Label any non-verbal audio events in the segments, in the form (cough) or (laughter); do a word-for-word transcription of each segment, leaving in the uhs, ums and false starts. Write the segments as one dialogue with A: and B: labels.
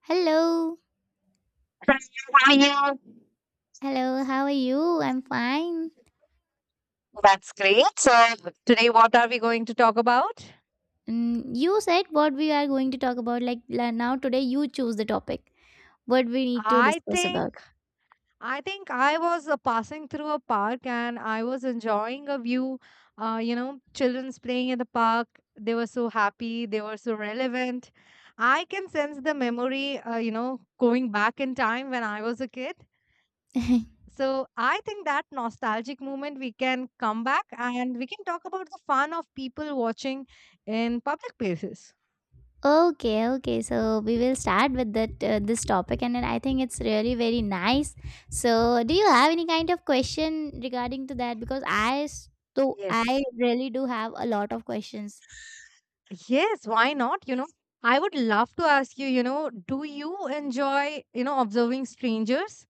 A: Hello,
B: Hi, yeah.
A: hello, how are you? I'm fine.
B: That's great. So today, what are we going to talk about?
A: Mm, you said what we are going to talk about, like la- now today, you choose the topic, what we need to
B: I
A: discuss about.
B: think I think I was uh, passing through a park and I was enjoying a view. Uh, you know, children's playing in the park. They were so happy. They were so relevant. I can sense the memory. Uh, you know, going back in time when I was a kid.
A: (laughs)
B: So I think that nostalgic moment we can come back and we can talk about the fun of people watching in public places.
A: Okay, okay, so we will start with that uh, this topic, and then I think it's really very nice. So, do you have any kind of question regarding to that? Because I, so I
B: Yes.
A: really do have a lot of questions.
B: Yes, why not? You know, I would love to ask you, you know, do you enjoy, you know, observing strangers?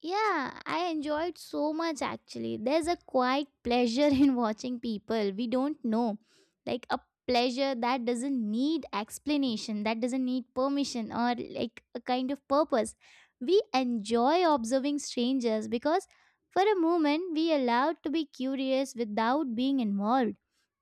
A: Yeah, I enjoyed so much actually. There's a quiet pleasure (laughs) in watching people we don't know. Like a pleasure that doesn't need explanation, that doesn't need permission or like a kind of purpose. We enjoy observing strangers because for a moment we allowed to be curious without being involved.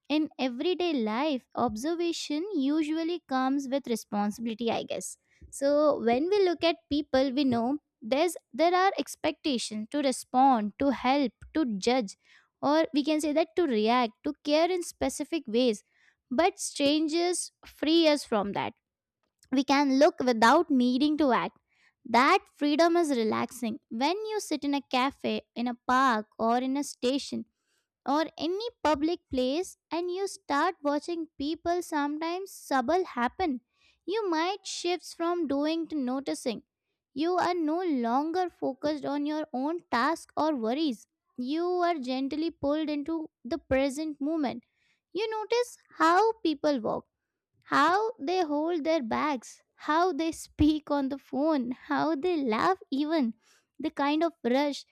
A: In everyday life, observation usually comes with responsibility, I guess. So when we look at people, we know there's there are expectations to respond, to help, to judge, or we can say that to react, to care in specific ways. But strangers free us from that. We can look without needing to act. That freedom is relaxing. When you sit in a cafe, in a park, or in a station, or any public place and you start watching people, sometimes subtle happen. You might shifts from doing to noticing. You are no longer focused on your own task or worries. You are gently pulled into the present moment. You notice how people walk, how they hold their bags, how they (laughs) speak on the phone, how they laugh, even the kind of rush,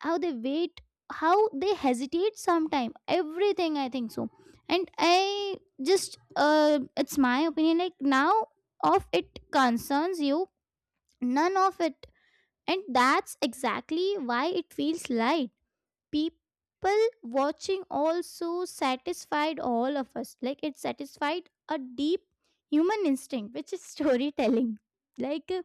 A: how they wait, how they hesitate sometime, everything I think so. And I just uh it's my opinion, like now of it concerns you, none of it, and that's exactly why it feels light. People watching also satisfied all of us, like it satisfied a deep human instinct which is (laughs) storytelling. like uh,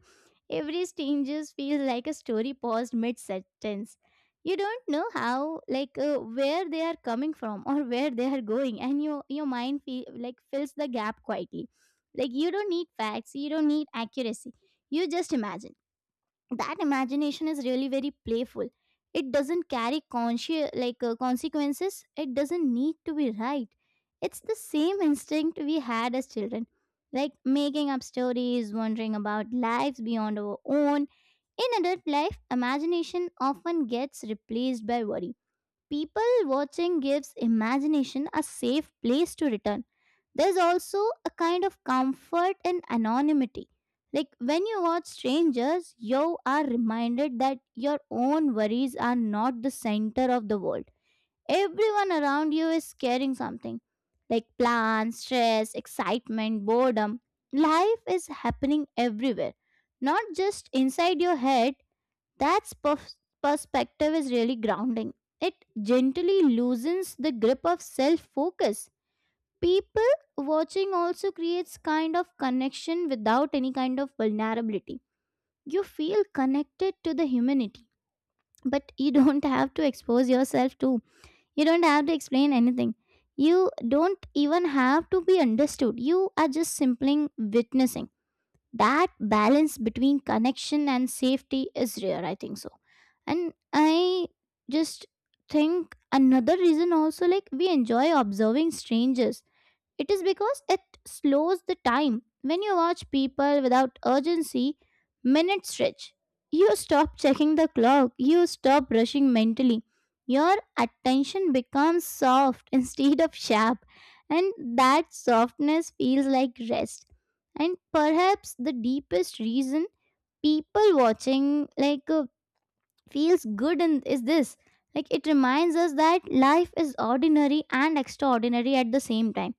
A: every changes feels like a story paused mid sentence. You don't know how like uh, where they are coming from or (laughs) where they are going, and your your mind feel, like fills the gap quietly. Like, you don't need facts, you don't need accuracy, you just imagine. That imagination is really very playful. It doesn't carry conscious like uh, consequences, it doesn't need to be right. It's the same instinct we had as children, like making up stories, wondering about lives beyond our own. In adult life imagination often gets replaced by worry. People watching gives imagination a safe place to return. There's also a kind of comfort in anonymity. Like when you watch strangers, you are reminded that your own worries are not the center of the world. Everyone around you is carrying something like plans, stress, excitement, boredom. Life is happening everywhere, not just inside your head. That's pers- perspective is really grounding. It gently loosens the grip of self focus. People watching also creates kind of connection without any kind of vulnerability. You feel connected to the humanity, but you don't (laughs) have to expose yourself to. You don't have to explain anything. You don't even have to be understood. You are just simply witnessing. That balance between connection and safety is rare, I think so. And i just think another reason also, like we enjoy observing strangers, it is because it slows the time. When you watch people without urgency, minutes stretch. You stop checking the clock, you stop rushing mentally. Your attention becomes soft (laughs) instead of sharp, and that softness feels like rest. And perhaps the deepest reason people watching like uh, feels good in is this, like it reminds us that life is ordinary and extraordinary at the same time.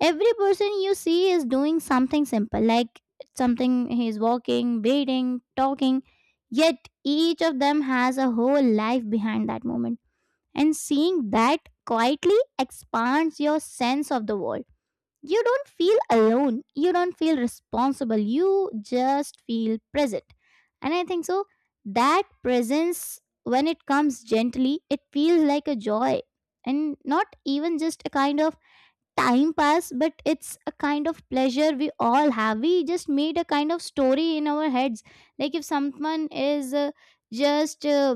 A: Every person you see is doing something simple, like something he's walking, breathing, talking, yet each of them has a whole life behind that moment. And seeing that quietly expands your sense of the world. You don't feel alone, you don't feel responsible, you just feel present. And I think so, that presence, when it comes gently, it feels like a joy, and not even just a kind of time pass, but it's a kind of pleasure we all have. We just made a kind of story in our heads. Like if someone is uh, just uh,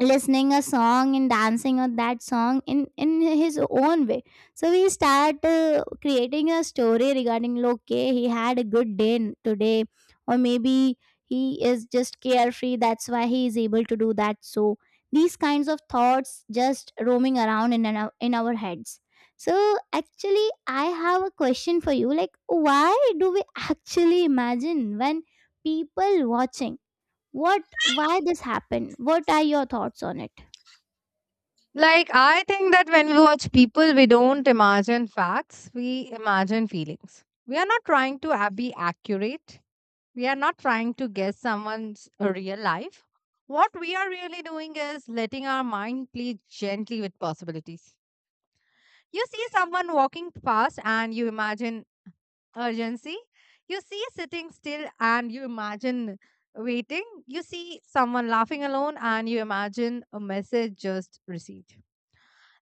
A: listening a song and dancing on that song in in his own way, so we start uh, creating a story regarding, okay, he had a good day n- today, or maybe he is just carefree, that's why he is able to do that. So these kinds of thoughts just roaming around in our, in our heads. So actually I have a question for you, like why do we actually imagine when people watching, what, why this happened, what are your thoughts on it?
B: Like, I think that when we watch people, we don't imagine facts, we imagine feelings. We are not trying to a- be accurate, we are not trying to guess someone's uh, real life. What we are really doing is letting our mind play gently with possibilities. You see someone walking past and you imagine urgency. You see sitting still and you imagine waiting. You see someone laughing alone and you imagine a message just received.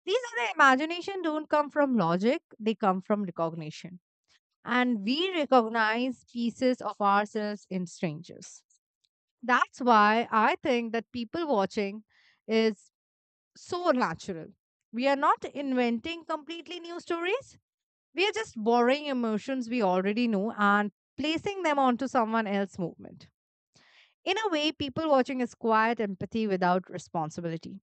B: These are the imagination don't come from logic, they come from recognition. And we recognize pieces of ourselves in strangers. That's why I think that people watching is so natural. We are not inventing completely new stories, we are just borrowing emotions we already know and placing them onto someone else's movement. In a way, people watching is quiet empathy without responsibility.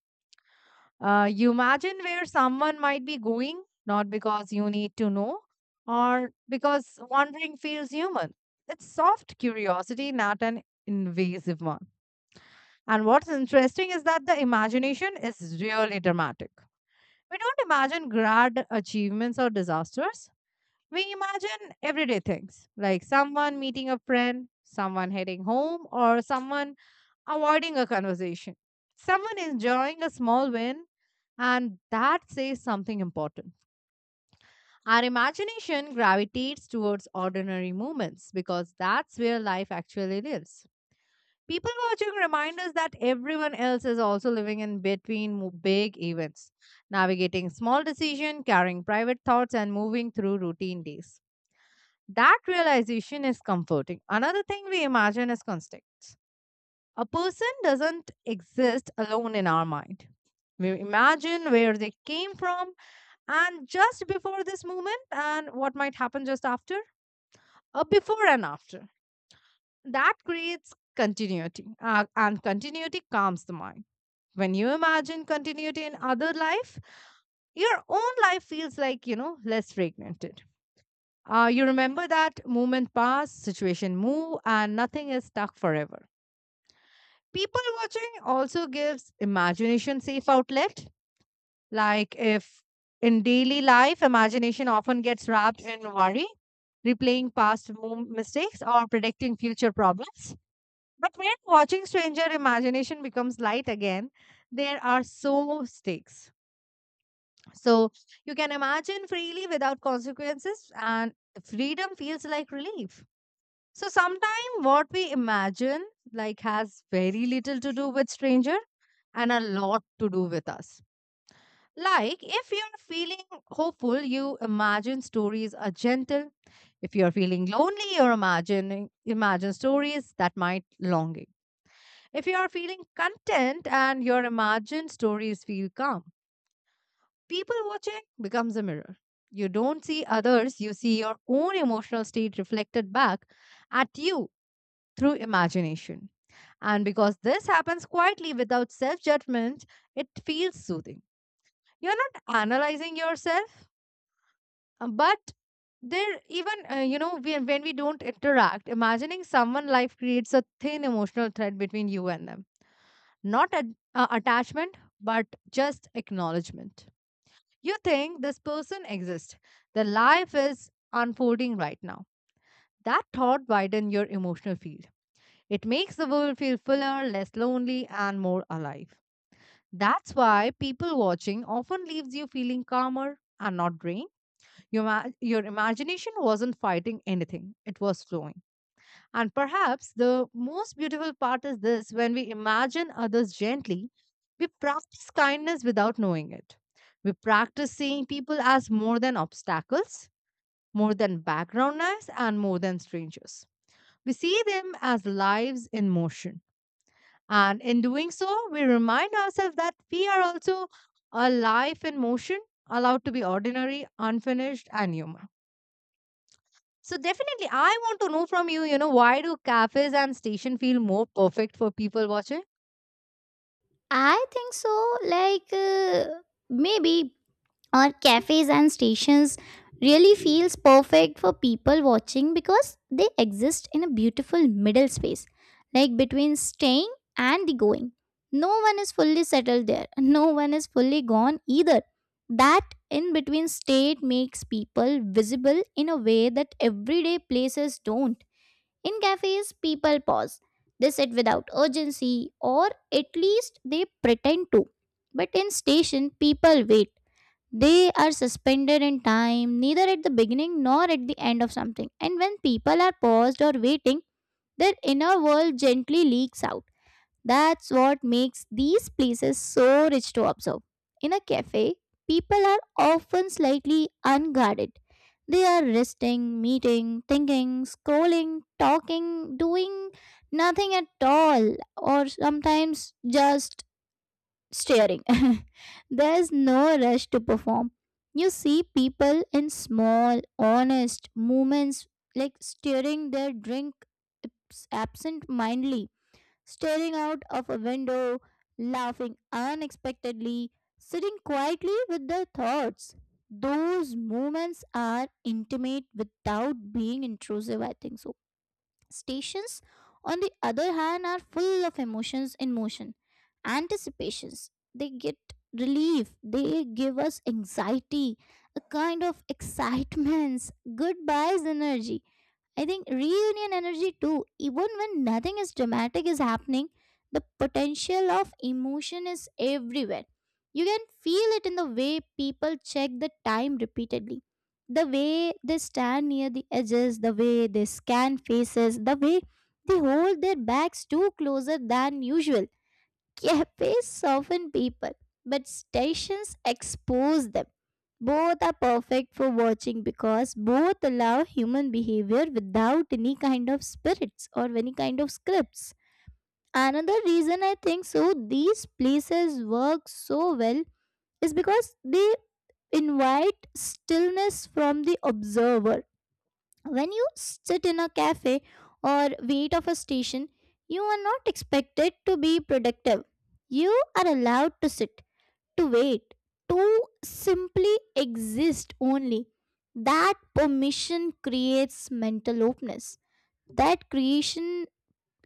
B: Uh, you imagine where someone might be going, not because you need to know, or because wondering feels human. It's soft curiosity, not an invasive one. And what's interesting is that the imagination is really dramatic. We don't imagine grand achievements or disasters. We imagine everyday things like someone meeting a friend, someone heading home, or someone avoiding a conversation. Someone enjoying a small win, and that says something important. Our imagination gravitates towards ordinary moments because that's where life actually lives. People watching remind us that everyone else is also living in between mo- big events, navigating small decisions, carrying private thoughts, and moving through routine days. That realization is comforting. Another thing we imagine is context. A person doesn't exist alone in our mind. We imagine where they came from and just before this moment and what might happen just after, a before and after. That creates continuity uh, and continuity calms the mind. When you imagine continuity in other life, your own life feels, like, you know, less fragmented. Uh, you remember that moment pass, situation move, and nothing is stuck forever. People watching also gives imagination safe outlet. Like if in daily life, imagination often gets wrapped in worry, replaying past mo- mistakes or predicting future problems. But when watching stranger, imagination becomes light again. There are so stakes. So you can imagine freely without consequences, and freedom feels like relief. So sometimes what we imagine like has very little to do with stranger and a lot to do with us. Like if you're feeling hopeful, you imagine stories are gentle. If you're feeling lonely, you're imagining imagine stories that might longing. If you are feeling content and your imagined stories feel calm, people watching becomes a mirror. You don't see others, you see your own emotional state reflected back at you through imagination. And because this happens quietly without self judgment, it feels soothing. You're not analyzing yourself, uh, but there, even, uh, you know, when when we don't interact, imagining someone life creates a thin emotional thread between you and them. Not a, uh, attachment, but just acknowledgement. You think this person exists, their life is unfolding right now. That thought widens your emotional field. It makes the world feel fuller, less lonely, and more alive. That's why people watching often leaves you feeling calmer and not drained. Your, ma- your imagination wasn't fighting anything, it was flowing. And perhaps the most beautiful part is this: when we imagine others gently, we practice kindness without knowing it. We practice seeing people as more than obstacles, more than background noise, and more than strangers. We see them as lives in motion and in doing so, we remind ourselves that we are also a life in motion, allowed to be ordinary, unfinished, and human. So definitely, I want to know from you, you know, why do cafes and station feel more perfect for people watching?
A: I think so. Like uh, maybe our cafes and stations really feels perfect for people watching because they exist in a beautiful middle space, like between staying and the going. No one is fully settled there. (laughs) No one is fully gone either. That in between state makes people visible in a way that everyday places don't. In cafes, people pause. They sit without urgency, or at least they pretend to. But in station, people wait. They are suspended in time, neither at the beginning nor at the end of something. And when people are paused or waiting, their inner world gently leaks out. That's what makes these places so rich to observe. In a cafe, people are often slightly unguarded. They are resting, meeting, thinking, scrolling, talking, doing nothing at all, or sometimes just staring. (laughs) There's no rush to perform. You see people in small, honest movements, like stirring their drink absent mindedly, staring out of a window, laughing unexpectedly, sitting quietly with their thoughts. Those moments are intimate without being intrusive, I think so. Stations, on the other hand, are full of emotions in motion, anticipations. They get relief, they give us anxiety, a kind of excitements, goodbyes energy, I think reunion energy too. Even when nothing is dramatic is happening, the potential of emotion is everywhere. You can feel it in the way people check the time repeatedly, the way they stand near the edges, the way they scan faces, the way they hold their backs too closer than usual. Cafes soften people, but stations expose them. Both are perfect for watching because both allow human behavior without any kind of spirits or any kind of scripts. Another reason I think so these places work so well is because they invite stillness from the observer. When you sit in a cafe or wait of a station, you are not expected to be productive. You are allowed to sit, to wait, to simply exist only. That permission creates mental openness. That creation,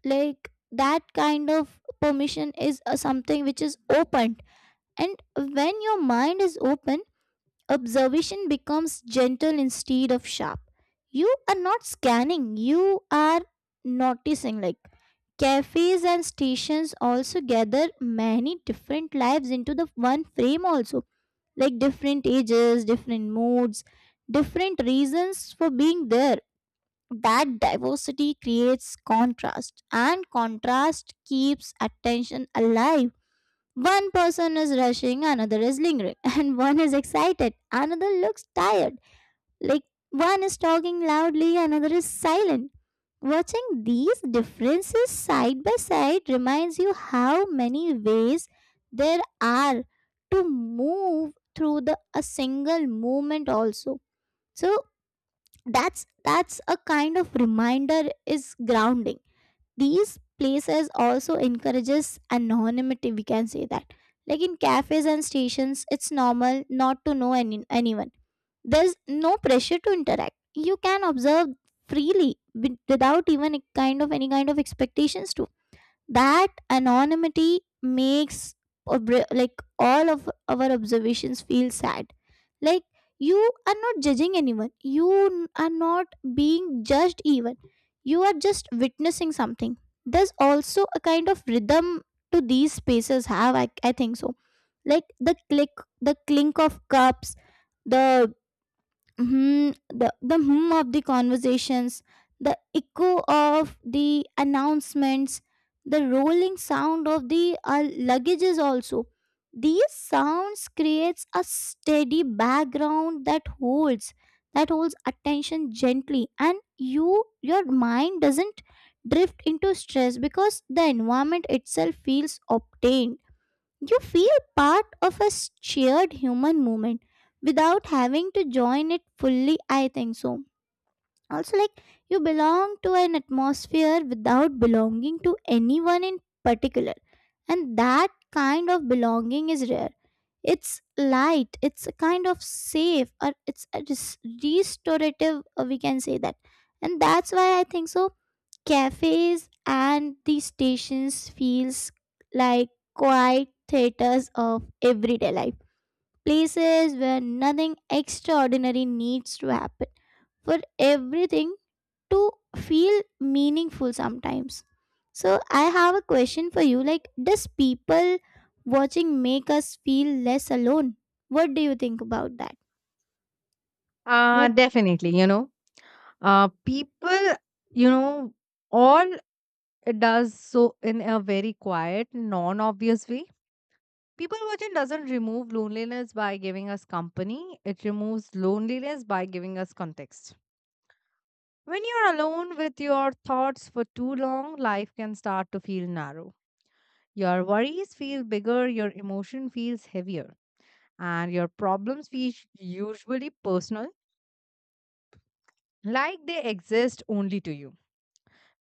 A: like that kind of permission, is uh, something which is opened. And when your mind is open, observation becomes gentle instead of sharp. You are not scanning, you are noticing. Like cafes and stations also gather many different lives into the one frame, also like different ages, different moods, different reasons for being there. That diversity creates contrast, and contrast keeps attention alive. One person is rushing, another is lingering, (laughs) and one is excited, another looks tired, like one is talking loudly, another is silent. Watching these differences side by side reminds you how many ways there are to move through the a single movement also. So that's that's a kind of reminder is grounding. These places also encourages anonymity, we can say that. Like in cafes and stations it's normal not to know any, anyone. There's no pressure to interact. You can observe freely with- without even a kind of any kind of expectations too. That anonymity makes obr- like all of our observations feel sad. Like you are not judging anyone. You n- are not being judged even. You are just witnessing something. There's also a kind of rhythm to these spaces have I, I think so, like the click, the clink of cups, the Hmm, the, the hum of the conversations, the echo of the announcements, the rolling sound of the uh, luggages also. These sounds creates a steady background that holds that holds attention gently, and you your mind doesn't drift into stress because the environment itself feels obtained. You feel part of a shared human movement without having to join it fully, I think so. Also, like you belong to an atmosphere without belonging to anyone in particular, and that kind of belonging is rare. It's light, it's a kind of safe, or it's a res- restorative, uh, we can say that. And that's why I think so cafes and the stations feels like quiet theaters of everyday life. Places where nothing extraordinary needs to happen for everything to feel meaningful sometimes. So I have a question for you, like does people watching make us feel less alone? What do you think about that?
B: Uh,
A: But
B: definitely, you know, uh, people, you know, all it does so in a very quiet, non-obvious way. People watching doesn't remove loneliness by giving us company. It removes loneliness by giving us context. When you're alone with your thoughts for too long, life can start to feel narrow. Your worries feel bigger, your emotion feels heavier, and your problems feel usually personal, like they exist only to you.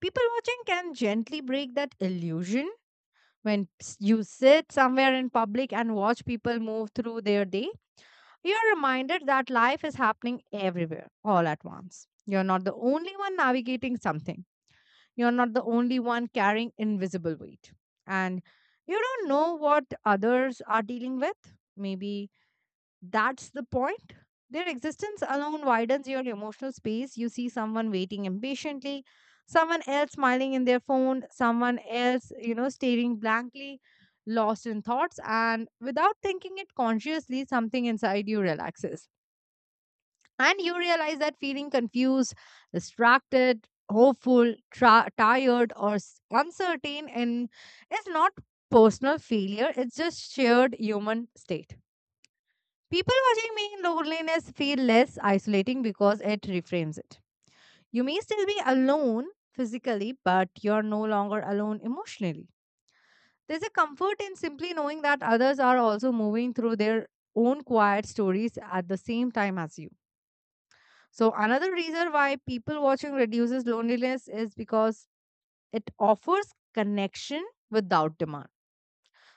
B: People watching can gently break that illusion. When s- you sit somewhere in public and watch people move through their day, you're reminded that life is happening everywhere all at once. You're not the only one navigating something. You're not the only one carrying invisible weight. And you don't know what others are dealing with. Maybe that's the point. Their existence alone widens your emotional space. You see someone waiting impatiently, someone else smiling in their phone, someone else, you know, staring blankly, lost in thoughts, and without thinking it consciously, something inside you relaxes and you realize that feeling confused, distracted, hopeful, tra- tired, or s- uncertain and is not personal failure, it's just shared human state. People watching me in loneliness feel less isolating because it reframes it. You may still be alone physically, but you're no longer alone emotionally. There's a comfort in simply knowing that others are also moving through their own quiet stories at the same time as you. So, another reason why people watching reduces loneliness is because it offers connection without demand.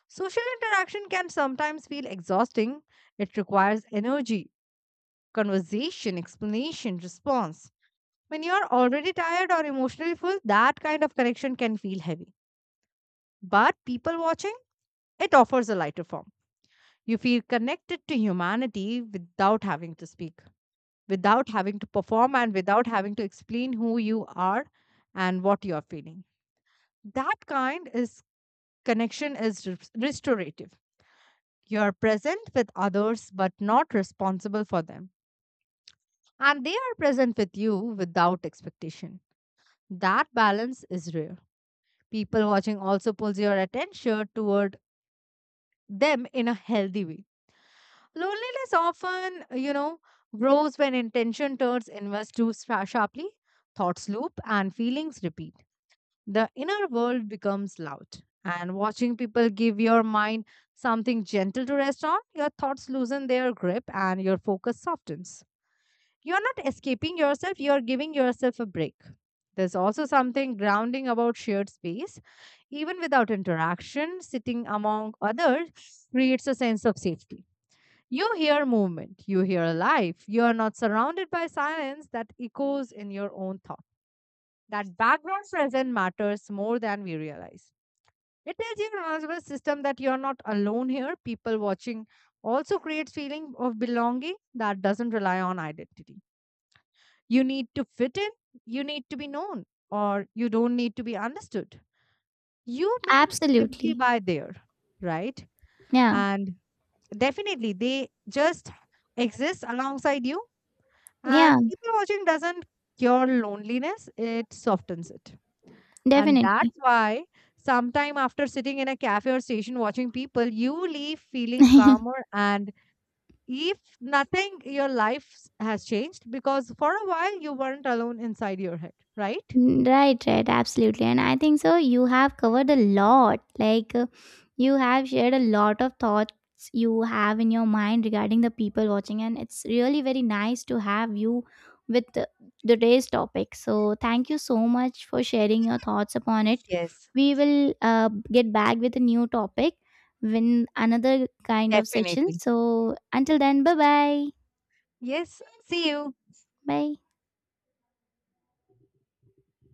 B: Social interaction can sometimes feel exhausting, it requires energy, conversation, explanation, response. When you're already tired or emotionally full, that kind of connection can feel heavy. But people watching, it offers a lighter form. You feel connected to humanity without having to speak, without having to perform and without having to explain who you are and what you are feeling. That kind is connection is res- restorative. You are present with others but not responsible for them. And they are present with you without expectation. That balance is rare. People watching also pulls your attention toward them in a healthy way. Loneliness often, you know, grows when intention turns inwards too sha- sharply, thoughts loop, and feelings repeat. The inner world becomes loud, and watching people give your mind something gentle to rest on, your thoughts loosen their grip and your focus softens. You are not escaping yourself, you are giving yourself a break. There's also something grounding about shared space. Even without interaction, sitting among others creates a sense of safety. You hear movement, you hear life, you are not surrounded by silence that echoes in your own thought. That background present matters more than we realize. It tells your nervous system that you're not alone here. People watching also creates feeling of belonging that doesn't rely on identity. You need to fit in, you need to be known, or you don't need to be understood. You being simply
A: absolutely.
B: by there, right?
A: Yeah.
B: And definitely they just exist alongside you. And
A: Yeah,
B: people watching doesn't cure loneliness, it softens it. And that's
A: definitely.
B: why sometime after sitting in a cafe or station watching people, you leave feeling
A: (laughs)
B: calmer. And if nothing, your life s- has changed because for a while you weren't alone inside your head, right?
A: Mm, right, right, absolutely. And I think so, you have covered a lot. Like, uh, you have shared a lot of thoughts you have in your mind regarding the people watching, and it's really very nice to have you with the, today's topic. So, thank you so much for sharing your thoughts upon it.
B: Yes,
A: We will uh, get back with a new topic when another kind of session.
B: definitely.
A: So, until then, bye bye.
B: Yes. See you.
A: Bye.